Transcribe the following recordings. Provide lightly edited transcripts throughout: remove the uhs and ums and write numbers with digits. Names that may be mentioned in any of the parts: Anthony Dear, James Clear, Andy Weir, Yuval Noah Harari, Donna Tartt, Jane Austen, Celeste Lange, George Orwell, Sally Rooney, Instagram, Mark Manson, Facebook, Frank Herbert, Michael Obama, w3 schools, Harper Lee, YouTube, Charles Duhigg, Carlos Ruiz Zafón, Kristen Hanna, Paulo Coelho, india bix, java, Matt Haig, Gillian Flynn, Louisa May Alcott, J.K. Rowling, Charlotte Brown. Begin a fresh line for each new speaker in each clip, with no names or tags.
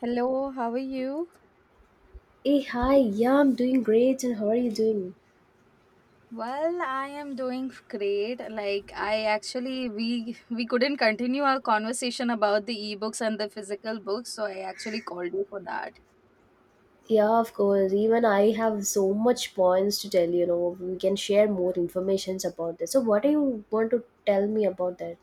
Hello, how are you?
Hey, hi, yeah, I'm doing great, and how are you doing?
Well, I am doing great. Like I actually we couldn't continue our conversation about the ebooks and the physical books, so I actually called you for that.
Yeah, of course. Even I have so much points to tell, we can share more informations about this. So, what do you want to tell me about that?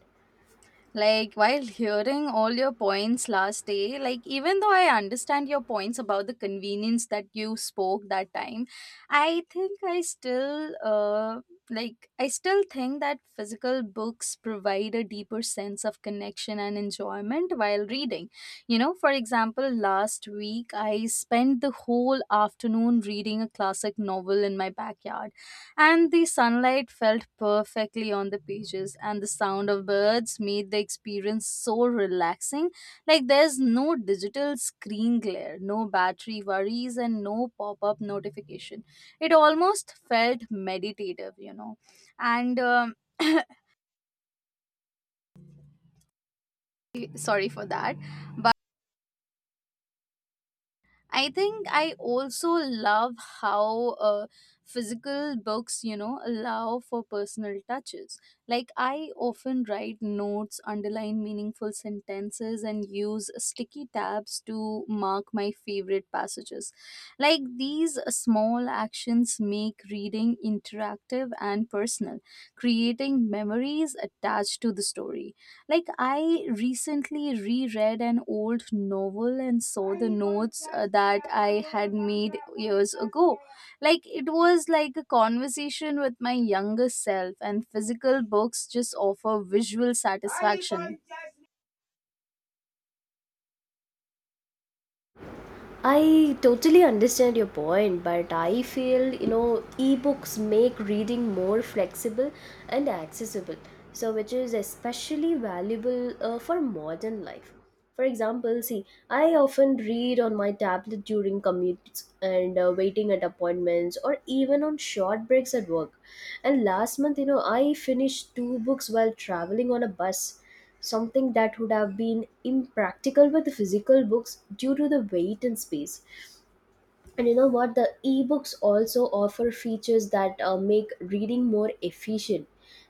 Like, while hearing all your points last day, like, even though I understand your points about the convenience that you spoke that time, I think I still, like, I still think that physical books provide a deeper sense of connection and enjoyment while reading. You know, for example, last week I spent the whole afternoon reading a classic novel in my backyard, and the sunlight felt perfectly on the pages, and the sound of birds made the experience so relaxing. Like, there's no digital screen glare, no battery worries, and no pop-up notification. It almost felt meditative, you know. And Sorry for that. I think I also love how physical books, you know, allow for personal touches. Like, I often write notes, underline meaningful sentences, and use sticky tabs to mark my favorite passages. Like, these small actions make reading interactive and personal, creating memories attached to the story. Like, I recently reread an old novel and saw the notes that I had made years ago. Like, it was like a conversation with my younger self, and physical books just offer visual satisfaction.
I totally understand your point, but I feel ebooks make reading more flexible and accessible, so which is especially valuable for modern life. For example, see, I often read on my tablet during commutes and waiting at appointments or even on short breaks at work. And last month, I finished two books while traveling on a bus, something that would have been impractical with physical books due to the weight and space. And you know what? The ebooks also offer features that make reading more efficient.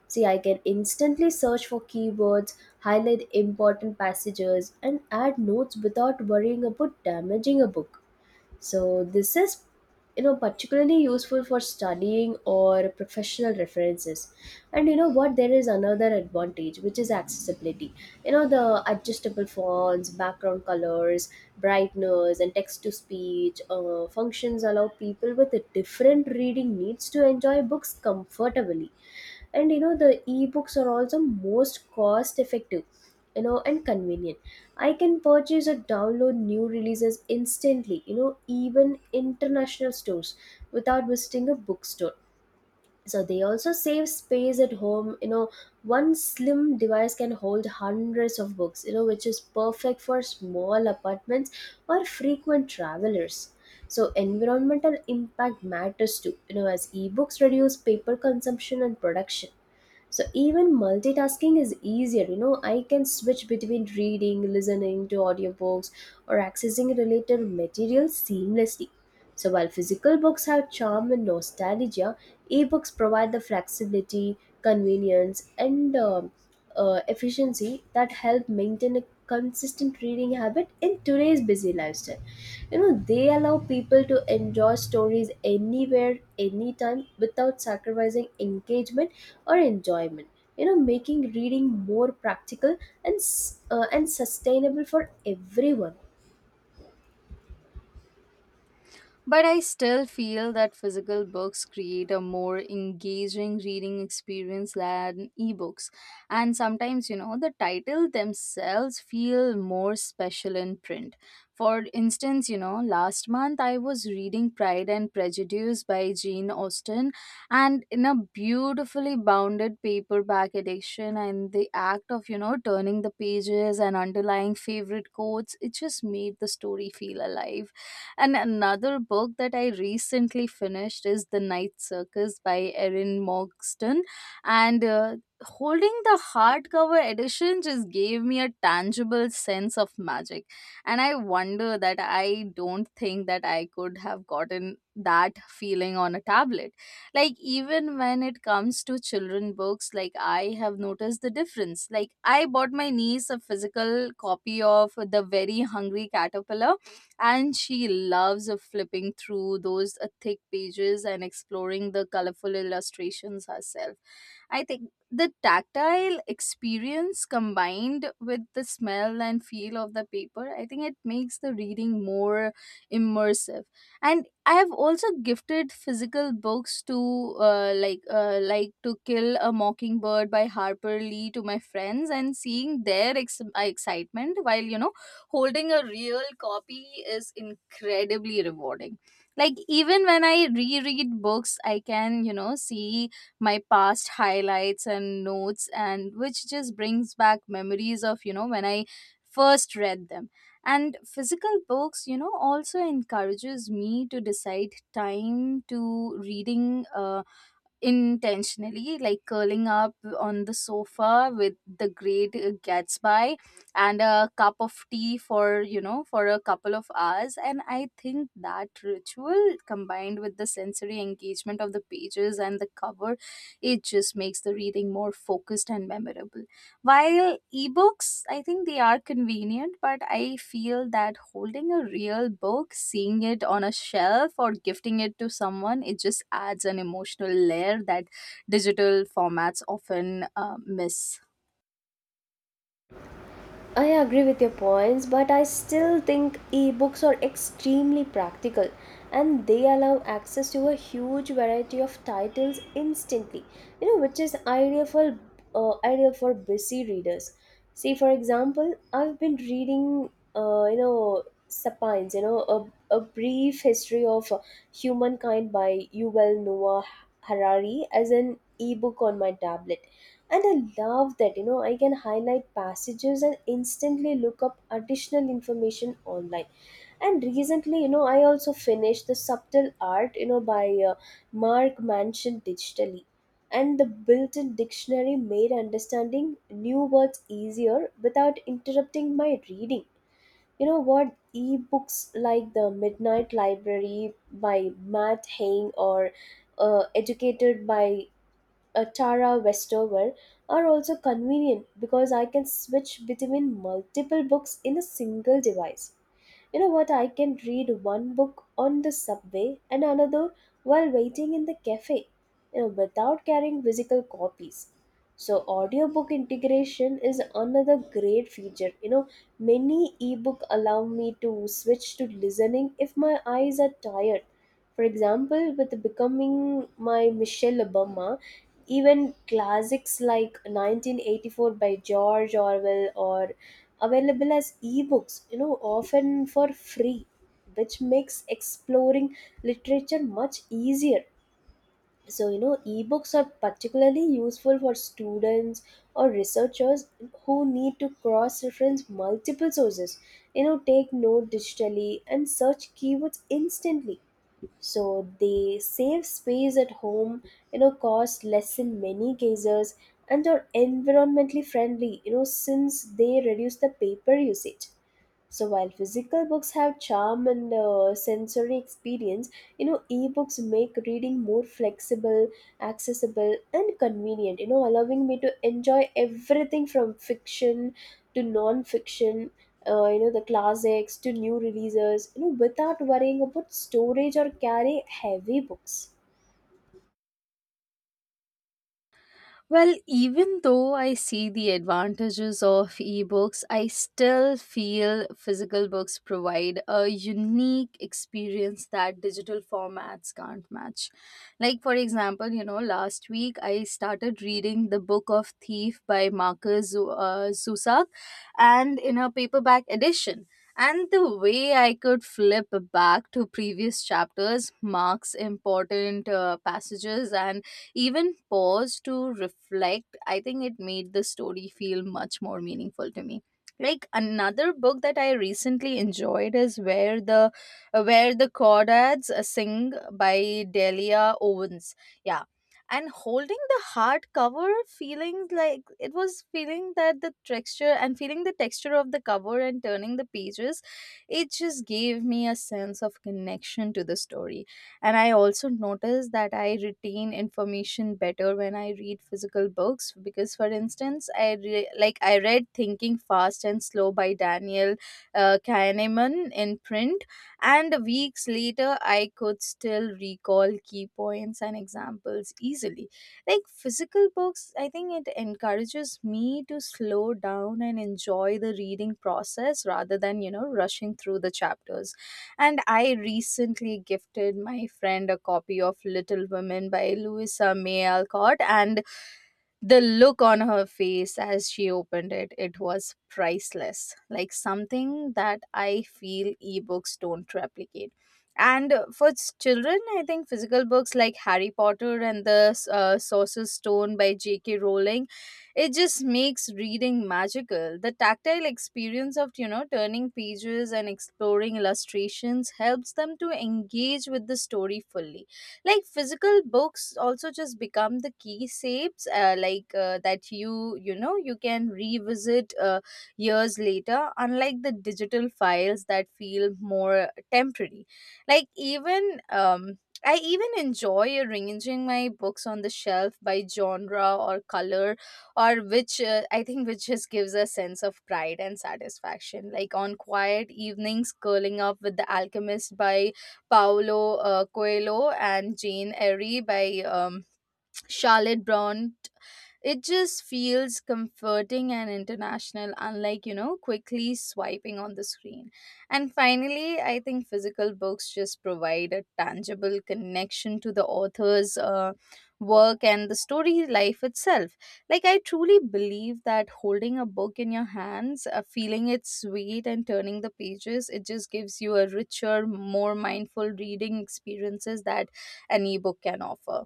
See, I can instantly search for keywords, highlight important passages, and add notes without worrying about damaging a book. So this is, particularly useful for studying or professional references. And you know what? There is another advantage, which is accessibility. You know the adjustable fonts, background colors, brightness, and text to speech functions allow people with different reading needs to enjoy books comfortably. And the ebooks are also most cost effective, and convenient. I can purchase or download new releases instantly, even international stores, without visiting a bookstore. So they also save space at home, one slim device can hold hundreds of books, which is perfect for small apartments or frequent travelers. So environmental impact matters too, as ebooks reduce paper consumption and production. So even multitasking is easier, I can switch between reading, listening to audiobooks, or accessing related material seamlessly. So while physical books have charm and nostalgia, e-books provide the flexibility, convenience, and efficiency that help maintain a consistent reading habit in today's busy lifestyle. You know they allow people to enjoy stories anywhere, anytime, without sacrificing engagement or enjoyment, making reading more practical and sustainable for everyone.
But I still feel that physical books create a more engaging reading experience than ebooks. And sometimes, you know, the title themselves feel more special in print. For instance, you know, last month I was reading Pride and Prejudice by Jane Austen, and in a beautifully bounded paperback edition, and the act of, you know, turning the pages and underlying favorite quotes, it just made the story feel alive. And another book that I recently finished is The Night Circus by Erin Morgston. And Holding the hardcover edition just gave me a tangible sense of magic. And I wonder that I don't think that I could have gotten that feeling on a tablet. Like, even when it comes to children books, like, I have noticed the difference. Like, I bought my niece a physical copy of The Very Hungry Caterpillar, and she loves flipping through those thick pages and exploring the colorful illustrations herself. I think the tactile experience combined with the smell and feel of the paper, I think it makes the reading more immersive. And I have also gifted physical books to like To Kill a Mockingbird by Harper Lee to my friends, and seeing their excitement while, you know, holding a real copy is incredibly rewarding. Like, even when I reread books, I can, you know, see my past highlights and notes, and which just brings back memories of, you know, when I first read them. And physical books, you know, also encourages me to decide time to reading intentionally, like curling up on the sofa with the great Gatsby and a cup of tea for, you know, for a couple of hours. And I think that ritual combined with the sensory engagement of the pages and the cover, it just makes the reading more focused and memorable. While ebooks, I think they are convenient, but I feel that holding a real book, seeing it on a shelf, or gifting it to someone, it just adds an emotional layer that digital formats often miss.
I agree with your points, but I still think ebooks are extremely practical and they allow access to a huge variety of titles instantly, which is ideal for busy readers. See, for example, I've been reading, uh, you know, Sapiens, a brief history of humankind by Yuval Noah Harari as an ebook on my tablet. And I love that, I can highlight passages and instantly look up additional information online. And recently, I also finished The Subtle Art, by Mark Manson digitally. And the built in dictionary made understanding new words easier without interrupting my reading. You know what? Ebooks like The Midnight Library by Matt Haig or Educated by Tara Westover are also convenient because I can switch between multiple books in a single device. You know what? I can read one book on the subway and another while waiting in the cafe, without carrying physical copies. So audiobook integration is another great feature. Many ebook allow me to switch to listening if my eyes are tired. For example, with becoming my Michelle Obama, even classics like 1984 by George Orwell are available as ebooks, often for free, which makes exploring literature much easier. So, ebooks are particularly useful for students or researchers who need to cross reference multiple sources, take note digitally and search keywords instantly. So they save space at home, cost less in many cases, and are environmentally friendly, since they reduce the paper usage. So while physical books have charm and sensory experience, ebooks make reading more flexible, accessible, and convenient, allowing me to enjoy everything from fiction to non-fiction. The classics to new releases, without worrying about storage or carrying heavy books.
Well, even though I see the advantages of ebooks, I still feel physical books provide a unique experience that digital formats can't match. Like, for example, you know, last week I started reading The Book of Thief by Marcus Zusak, and in a paperback edition. And the way I could flip back to previous chapters, marks important passages, and even pause to reflect, I think it made the story feel much more meaningful to me. Like, another book that I recently enjoyed is Where the Crawdads Sing by Delia Owens. Yeah. And holding the hardcover, feeling like it was feeling that the texture and feeling the texture of the cover and turning the pages, it just gave me a sense of connection to the story. And I also notice that I retain information better when I read physical books because, for instance, like I read Thinking Fast and Slow by Daniel Kahneman in print, and weeks later I could still recall key points and examples easily. Like, physical books, I think it encourages me to slow down and enjoy the reading process rather than, you know, rushing through the chapters. And I recently gifted my friend a copy of Little Women by Louisa May Alcott, and the look on her face as she opened it, it was priceless. Like something that I feel ebooks don't replicate. And for children, I think physical books like Harry Potter and the Sorcerer's Stone by J.K. Rowling, it just makes reading magical. The tactile experience of, you know, turning pages and exploring illustrations helps them to engage with the story fully. Like, physical books also just become the key shapes that you know you can revisit years later, unlike the digital files that feel more temporary. Like even um I even enjoy arranging my books on the shelf by genre or color, or which I think which just gives a sense of pride and satisfaction. Like, on quiet evenings curling up with The Alchemist by Paulo Coelho and Jane Eyre by Charlotte Brown, it just feels comforting and international, unlike, you know, quickly swiping on the screen. And finally, I think physical books just provide a tangible connection to the author's work and the story life itself. Like, I truly believe that holding a book in your hands, feeling its weight, and turning the pages, it just gives you a richer, more mindful reading experiences that an ebook can offer.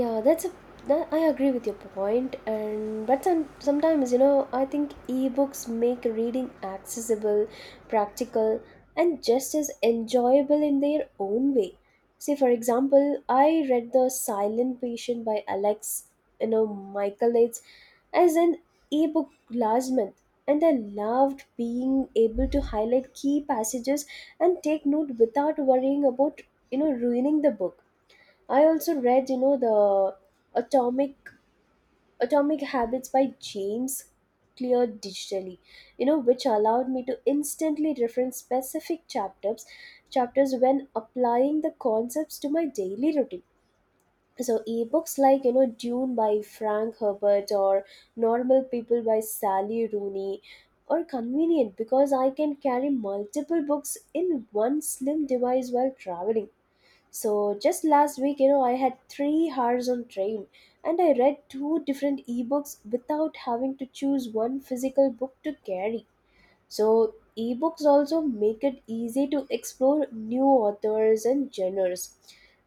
Yeah, that's a, that I agree with your point. And but sometimes I think ebooks make reading accessible, practical, and just as enjoyable in their own way. See for example I read the silent patient by alex, michaelides, as an ebook last month, and I loved being able to highlight key passages and take note without worrying about, ruining the book. I also read, the Atomic Atomic Habits by James Clear digitally, which allowed me to instantly reference specific chapters when applying the concepts to my daily routine. So ebooks like, Dune by Frank Herbert or Normal People by Sally Rooney are convenient because I can carry multiple books in one slim device while traveling. So just last week, I had 3 hours on train, and I read two different ebooks without having to choose one physical book to carry. So ebooks also make it easy to explore new authors and genres.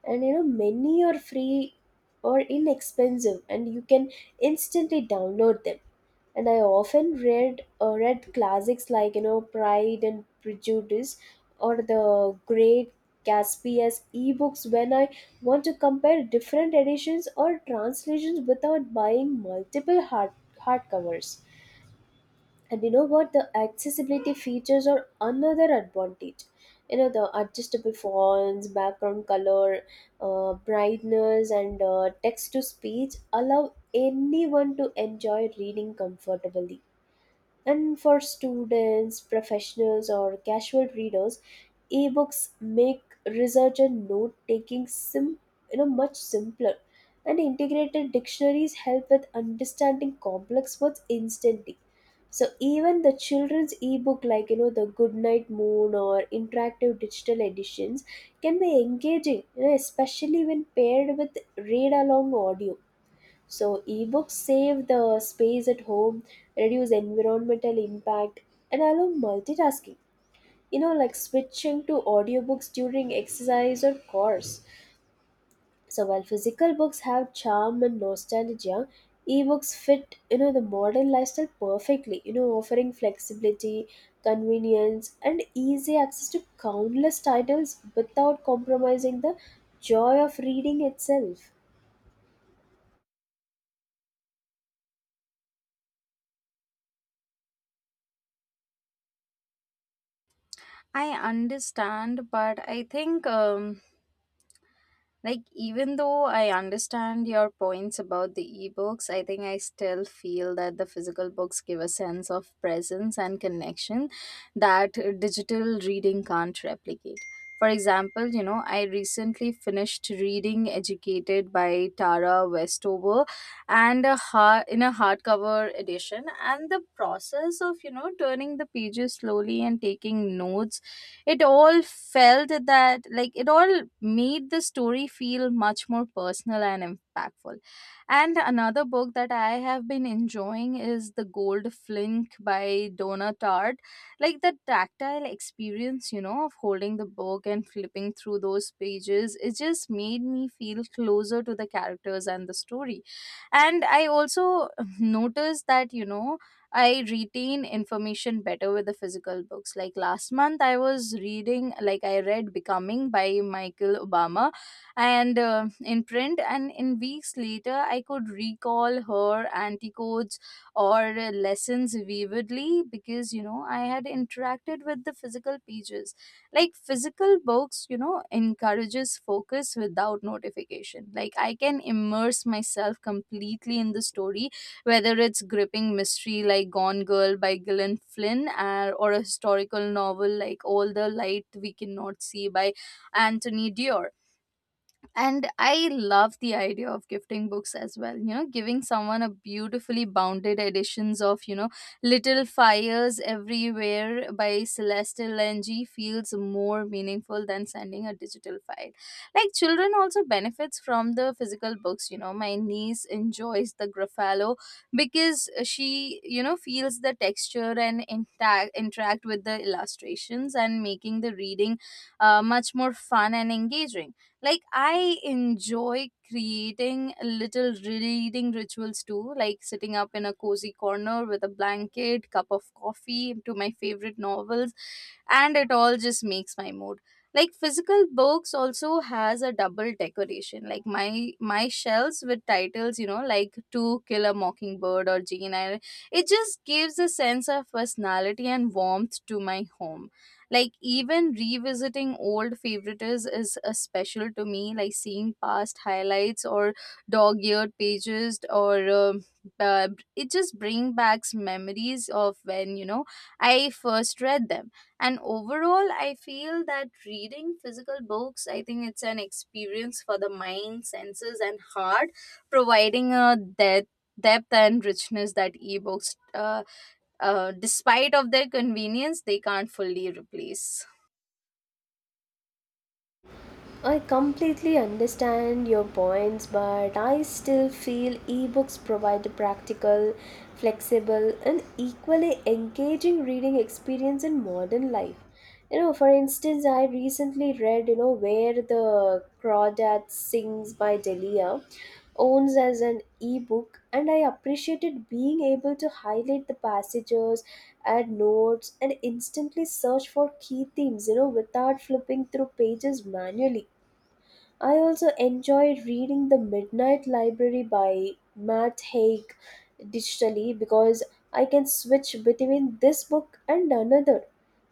And many are free or inexpensive and you can instantly download them. And I often read classics like, Pride and Prejudice or the Great Gatsby as ebooks when I want to compare different editions or translations without buying multiple hardcovers. And you know what? The accessibility features are another advantage. The adjustable fonts, background color, brightness, and text to speech allow anyone to enjoy reading comfortably. And for students, professionals, or casual readers, ebooks make research and note taking much simpler. And integrated dictionaries help with understanding complex words instantly. So even the children's ebook like, the Goodnight Moon or interactive digital editions, can be engaging, especially when paired with read along audio. So ebooks save the space at home, reduce environmental impact, and allow multitasking, like switching to audiobooks during exercise or course. So while physical books have charm and nostalgia, ebooks fit the modern lifestyle perfectly, offering flexibility, convenience, and easy access to countless titles without compromising the joy of reading itself.
I understand, but I think. Like, even though I understand your points about the ebooks, I think I still feel that the physical books give a sense of presence and connection that digital reading can't replicate. For example, you know, I recently finished reading Educated by Tara Westover, and in a hardcover edition, and the process of, you know, turning the pages slowly and taking notes, it all felt that like it all made the story feel much more personal and impactful. And another book that I have been enjoying is the gold flink by donna Tartt. Like, the tactile experience, you know, of holding the book and flipping through those pages, it just made me feel closer to the characters and the story. And I also noticed that, you know, I retain information better with the physical books. Like, last month I was reading, like I read Becoming by Michael Obama, and in print, and in weeks later, I could recall her anticodes or lessons vividly because, you know, I had interacted with the physical pages. Like, physical books, you know, encourages focus without notification. Like, I can immerse myself completely in the story, whether it's gripping mystery like Gone Girl by Gillian Flynn, or a historical novel like All the Light We Cannot See by Anthony Dear. And I love the idea of gifting books as well. You know, giving someone a beautifully bounded editions of, you know, Little Fires Everywhere by Celeste Lange feels more meaningful than sending a digital file. Like, children also benefits from the physical books, you know. My niece enjoys the Gruffalo because she, you know, feels the texture and intact interact with the illustrations, and making the reading much more fun and engaging. Like, I enjoy creating little reading rituals too, like sitting up in a cozy corner with a blanket cup of coffee to my favorite novels, and it all just makes my mood. Like, physical books also has a double decoration, like my shelves with titles, you know, like to kill a mockingbird or jane eyre, it just gives a sense of personality and warmth to my home. Like, even revisiting old favorites is a special to me, like seeing past highlights or dog-eared pages or uh, it just brings back memories of when, you know, I first read them. And overall, I feel that reading physical books, I think it's an experience for the mind, senses, and heart, providing a depth and richness that ebooks, despite of their convenience, they can't fully replace.
I completely understand your points, but I still feel ebooks provide a practical, flexible, and equally engaging reading experience in modern life. For instance, I recently read, Where the Crawdad Sings by Delia owns as an ebook, and I appreciated being able to highlight the passages, add notes, and instantly search for key themes, without flipping through pages manually. I also enjoy reading The Midnight Library by Matt Haig digitally because I can switch between this book and another.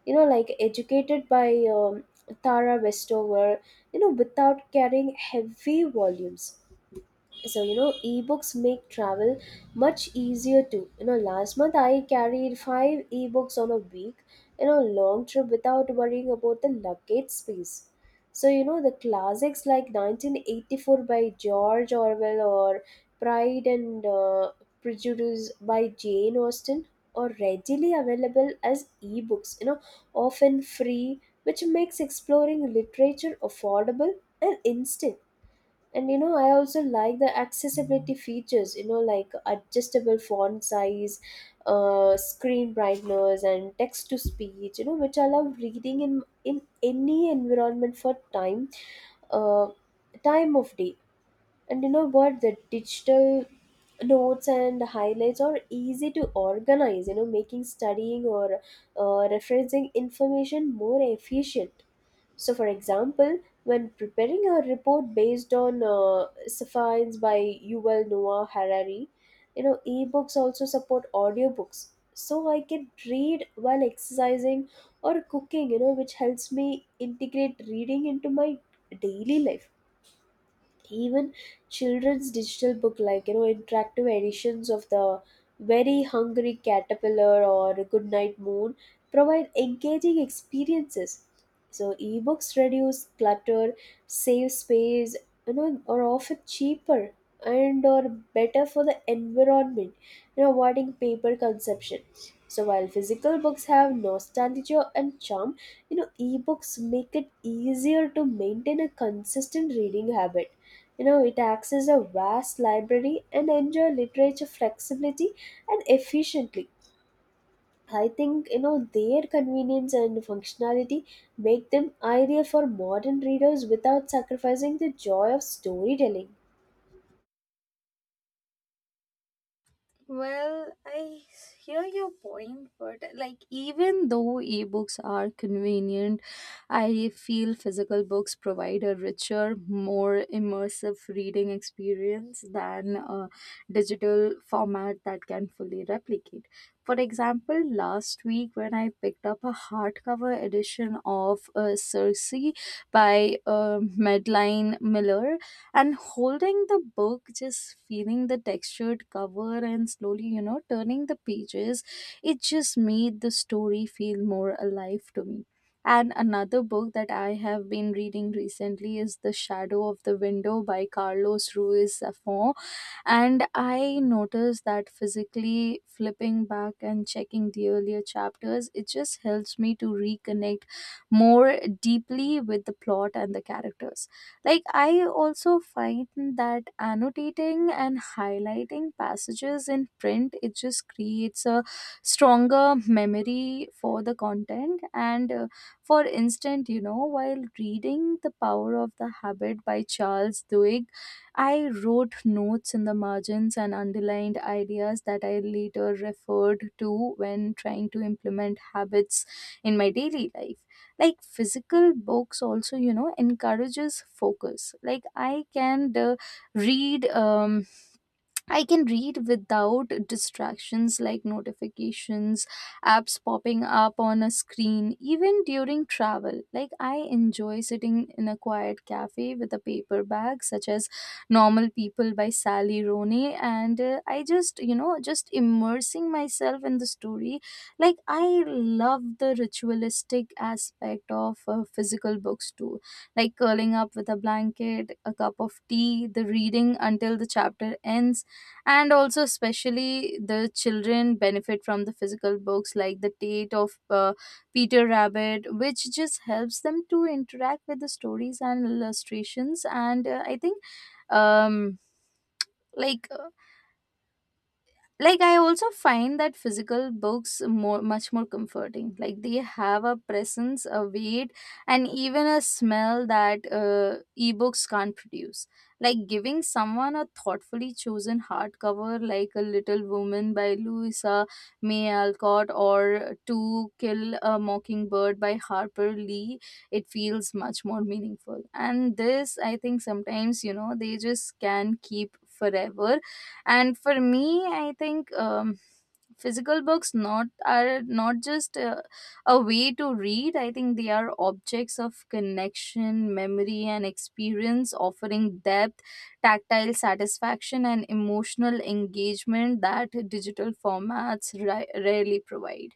Like Educated by Tara Westover, without carrying heavy volumes. So ebooks make travel much easier too. Last month I carried five ebooks on a week, long trip without worrying about the luggage space. So the classics like 1984 by george orwell or pride and prejudice by jane austen are readily available as ebooks, often free, which makes exploring literature affordable and instant. And I also like the accessibility features, like adjustable font size, screen brightness, and text to speech, which allow reading in any environment for time, uh, time of day. And you know what? The digital notes and highlights are easy to organize, making studying or referencing information more efficient. So, for example, when preparing a report based on Sapiens by Yuval Noah Harari, ebooks also support audiobooks. So, I can read while exercising or cooking, which helps me integrate reading into my daily life. Even children's digital book like, interactive editions of the very hungry caterpillar or good night moon, provide engaging experiences. So ebooks reduce clutter, save space, are often cheaper, and are better for the environment, avoiding paper consumption. So while physical books have nostalgia and charm, ebooks make it easier to maintain a consistent reading habit, it accesses a vast library and enjoy literature flexibility and efficiently. I think their convenience and functionality make them ideal for modern readers without sacrificing the joy of storytelling.
Well, hear your point, but like even though ebooks are convenient, I feel physical books provide a richer, more immersive reading experience than a digital format that can fully replicate. For example, last week when I picked up a hardcover edition of Circe by Madeline Miller, and holding the book, just feeling the textured cover and slowly, you know, turning the pages, it just made the story feel more alive to me. And another book that I have been reading recently is The Shadow of the Window by Carlos Ruiz Zafón, and I noticed that physically flipping back and checking the earlier chapters, it just helps me to reconnect more deeply with the plot and the characters. Like, I also find that annotating and highlighting passages in print, it just creates a stronger memory for the content. And for instance, you know, while reading The Power of the Habit by Charles Duhigg, I wrote notes in the margins and underlined ideas that I later referred to when trying to implement habits in my daily life. Like, physical books also, you know, encourages focus. Like, I can read I can read without distractions like notifications, apps popping up on a screen, even during travel. Like, I enjoy sitting in a quiet cafe with a paper bag, such as Normal People by Sally Rooney, and I just, you know, just immersing myself in the story. Like, I love the ritualistic aspect of physical books too, like curling up with a blanket, a cup of tea, the reading until the chapter ends. And also, especially the children benefit from the physical books, like the tate of Peter Rabbit, which just helps them to interact with the stories and illustrations. And I think um like Like, I also find that physical books more much more comforting, like they have a presence, a weight, and even a smell that ebooks can't produce. Like giving someone a thoughtfully chosen hardcover like A Little Woman by Louisa May Alcott or To Kill a Mockingbird by Harper Lee, it feels much more meaningful, and this, I think, sometimes, you know, they just can keep forever. And for me, I think physical books not are not just a way to read. I think they are objects of connection, memory, and experience, offering depth, tactile satisfaction, and emotional engagement that digital formats rarely provide.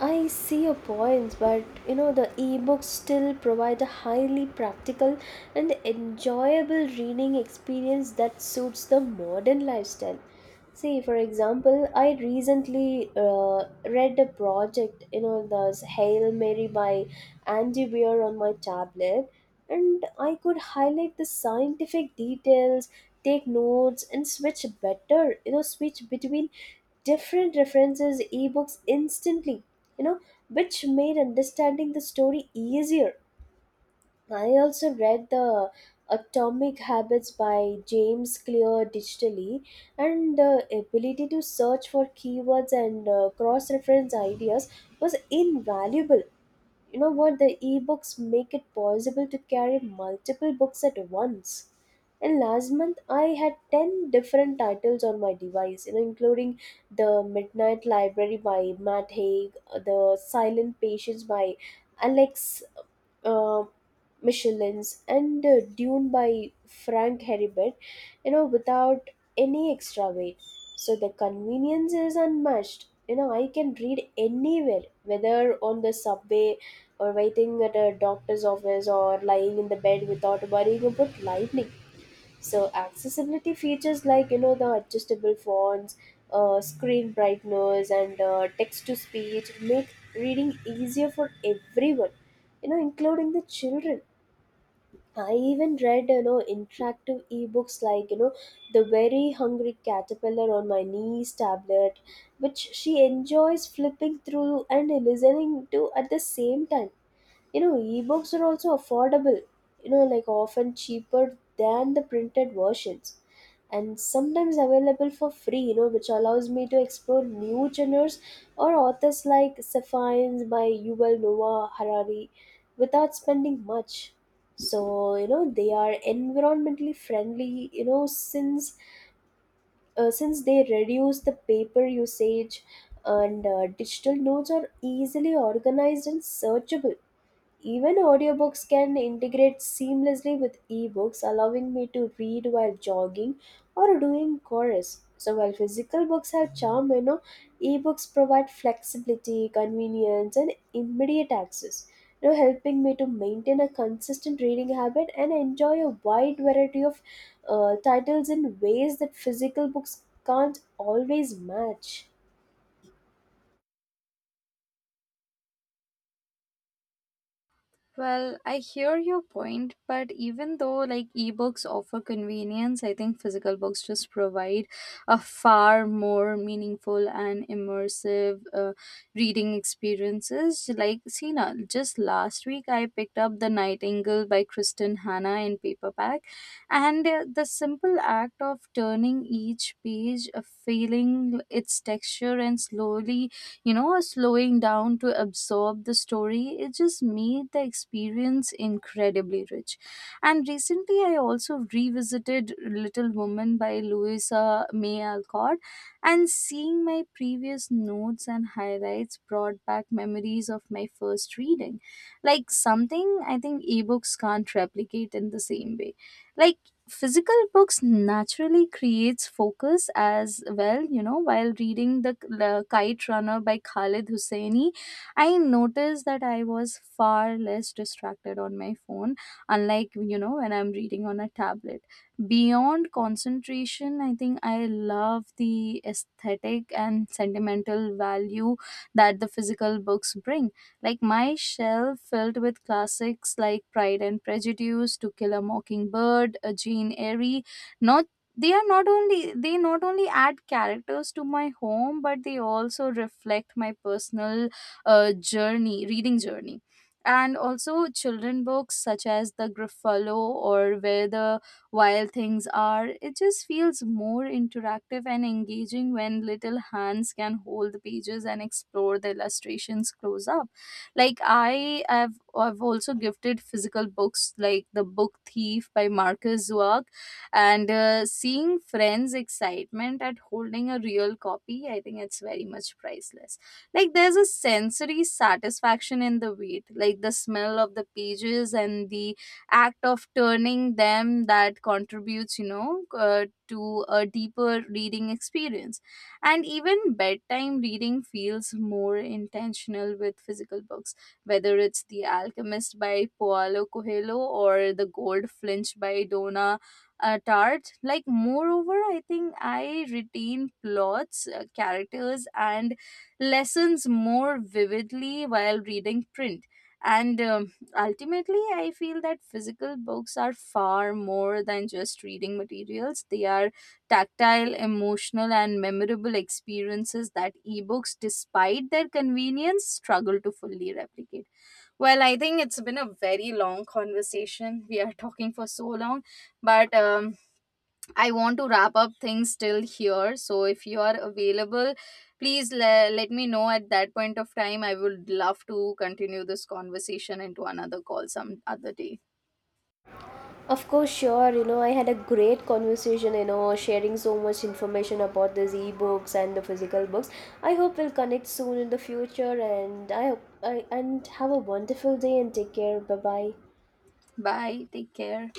I see your points, but the ebooks still provide a highly practical and enjoyable reading experience that suits the modern lifestyle. See, for example, I recently read a project, the Hail Mary by Andy Weir on my tablet, and I could highlight the scientific details, take notes, and switch better, switch between different references, ebooks instantly, you know, which made understanding the story easier. I also read the Atomic Habits by James Clear digitally, and the ability to search for keywords and cross reference ideas was invaluable. You know what? The ebooks make it possible to carry multiple books at once. And last month I had 10 different titles on my device, including the midnight library by matt haig, the silent patience by alex, uh, Michelin's, and Dune by Frank Herbert, without any extra weight. So the convenience is unmatched. You know, I can read anywhere, whether on the subway or waiting at a doctor's office or lying in the bed without worrying about lightning. So accessibility features like, the adjustable fonts, screen brightness, and text to speech make reading easier for everyone, including the children. I even read, interactive ebooks like, The Very Hungry Caterpillar on my niece's tablet, which she enjoys flipping through and listening to at the same time. You know ebooks are also affordable, like often cheaper than the printed versions, and sometimes available for free, which allows me to explore new genres or authors like Safains by Yuval Noah Harari without spending much. So they are environmentally friendly, since since they reduce the paper usage. And digital notes are easily organized and searchable. Even audiobooks can integrate seamlessly with ebooks, allowing me to read while jogging or doing chores. So while physical books have charm, ebooks provide flexibility, convenience, and immediate access, helping me to maintain a consistent reading habit and enjoy a wide variety of titles in ways that physical books can't always match.
Well, I hear your point, but even though like ebooks offer convenience, I think physical books just provide a far more meaningful and immersive reading experiences. Like, Sina, just last week I picked up The Nightingale by Kristen Hanna in paperback, and the simple act of turning each page, feeling its texture and slowly, you know, slowing down to absorb the story, it just made the experience incredibly rich. And recently, I also revisited Little Woman by Louisa May Alcott, and seeing my previous notes and highlights brought back memories of my first reading. Like, something I think ebooks can't replicate in the same way. Like, physical books naturally creates focus as well. You know, while reading the Kite Runner by Khalid Husseini, I noticed that I was far less distracted on my phone, unlike, you know, when I'm reading on a tablet. Beyond concentration, I think I love the aesthetic and sentimental value that the physical books bring, like my shelf filled with classics like Pride and Prejudice, To Kill a Mockingbird, *A Jane Eyre. Not they are not only they not only add characters to my home, but they also reflect my personal journey, reading journey. And also children books such as The Gruffalo or Where the Wild Things Are. It just feels more interactive and engaging when little hands can hold the pages and explore the illustrations close up. like i have I've also gifted physical books like The Book Thief by Marcus Zwerg, and seeing friends excitement at holding a real copy, I think it's very much priceless. Like, there's a sensory satisfaction in the wait, like the smell of the pages and the act of turning them, that contributes, you know, to a deeper reading experience. And even bedtime reading feels more intentional with physical books, whether it's The Alchemist by Paulo Coelho or The Gold Flinch by Donna Tart. Like, moreover, I think I retain plots, characters, and lessons more vividly while reading print. And ultimately, I feel that physical books are far more than just reading materials. They are tactile, emotional, and memorable experiences that ebooks, despite their convenience, struggle to fully replicate. Well, I think it's been a very long conversation. We are talking for so long, but I want to wrap up things till here. So, if you are available, please let me know at that point of time. I would love to continue this conversation into another call some other day.
Of course, sure. You know, I had a great conversation, sharing so much information about these ebooks and the physical books. I hope we'll connect soon in the future, and I hope I and have a wonderful day and take care. Bye bye.
Bye. Take care.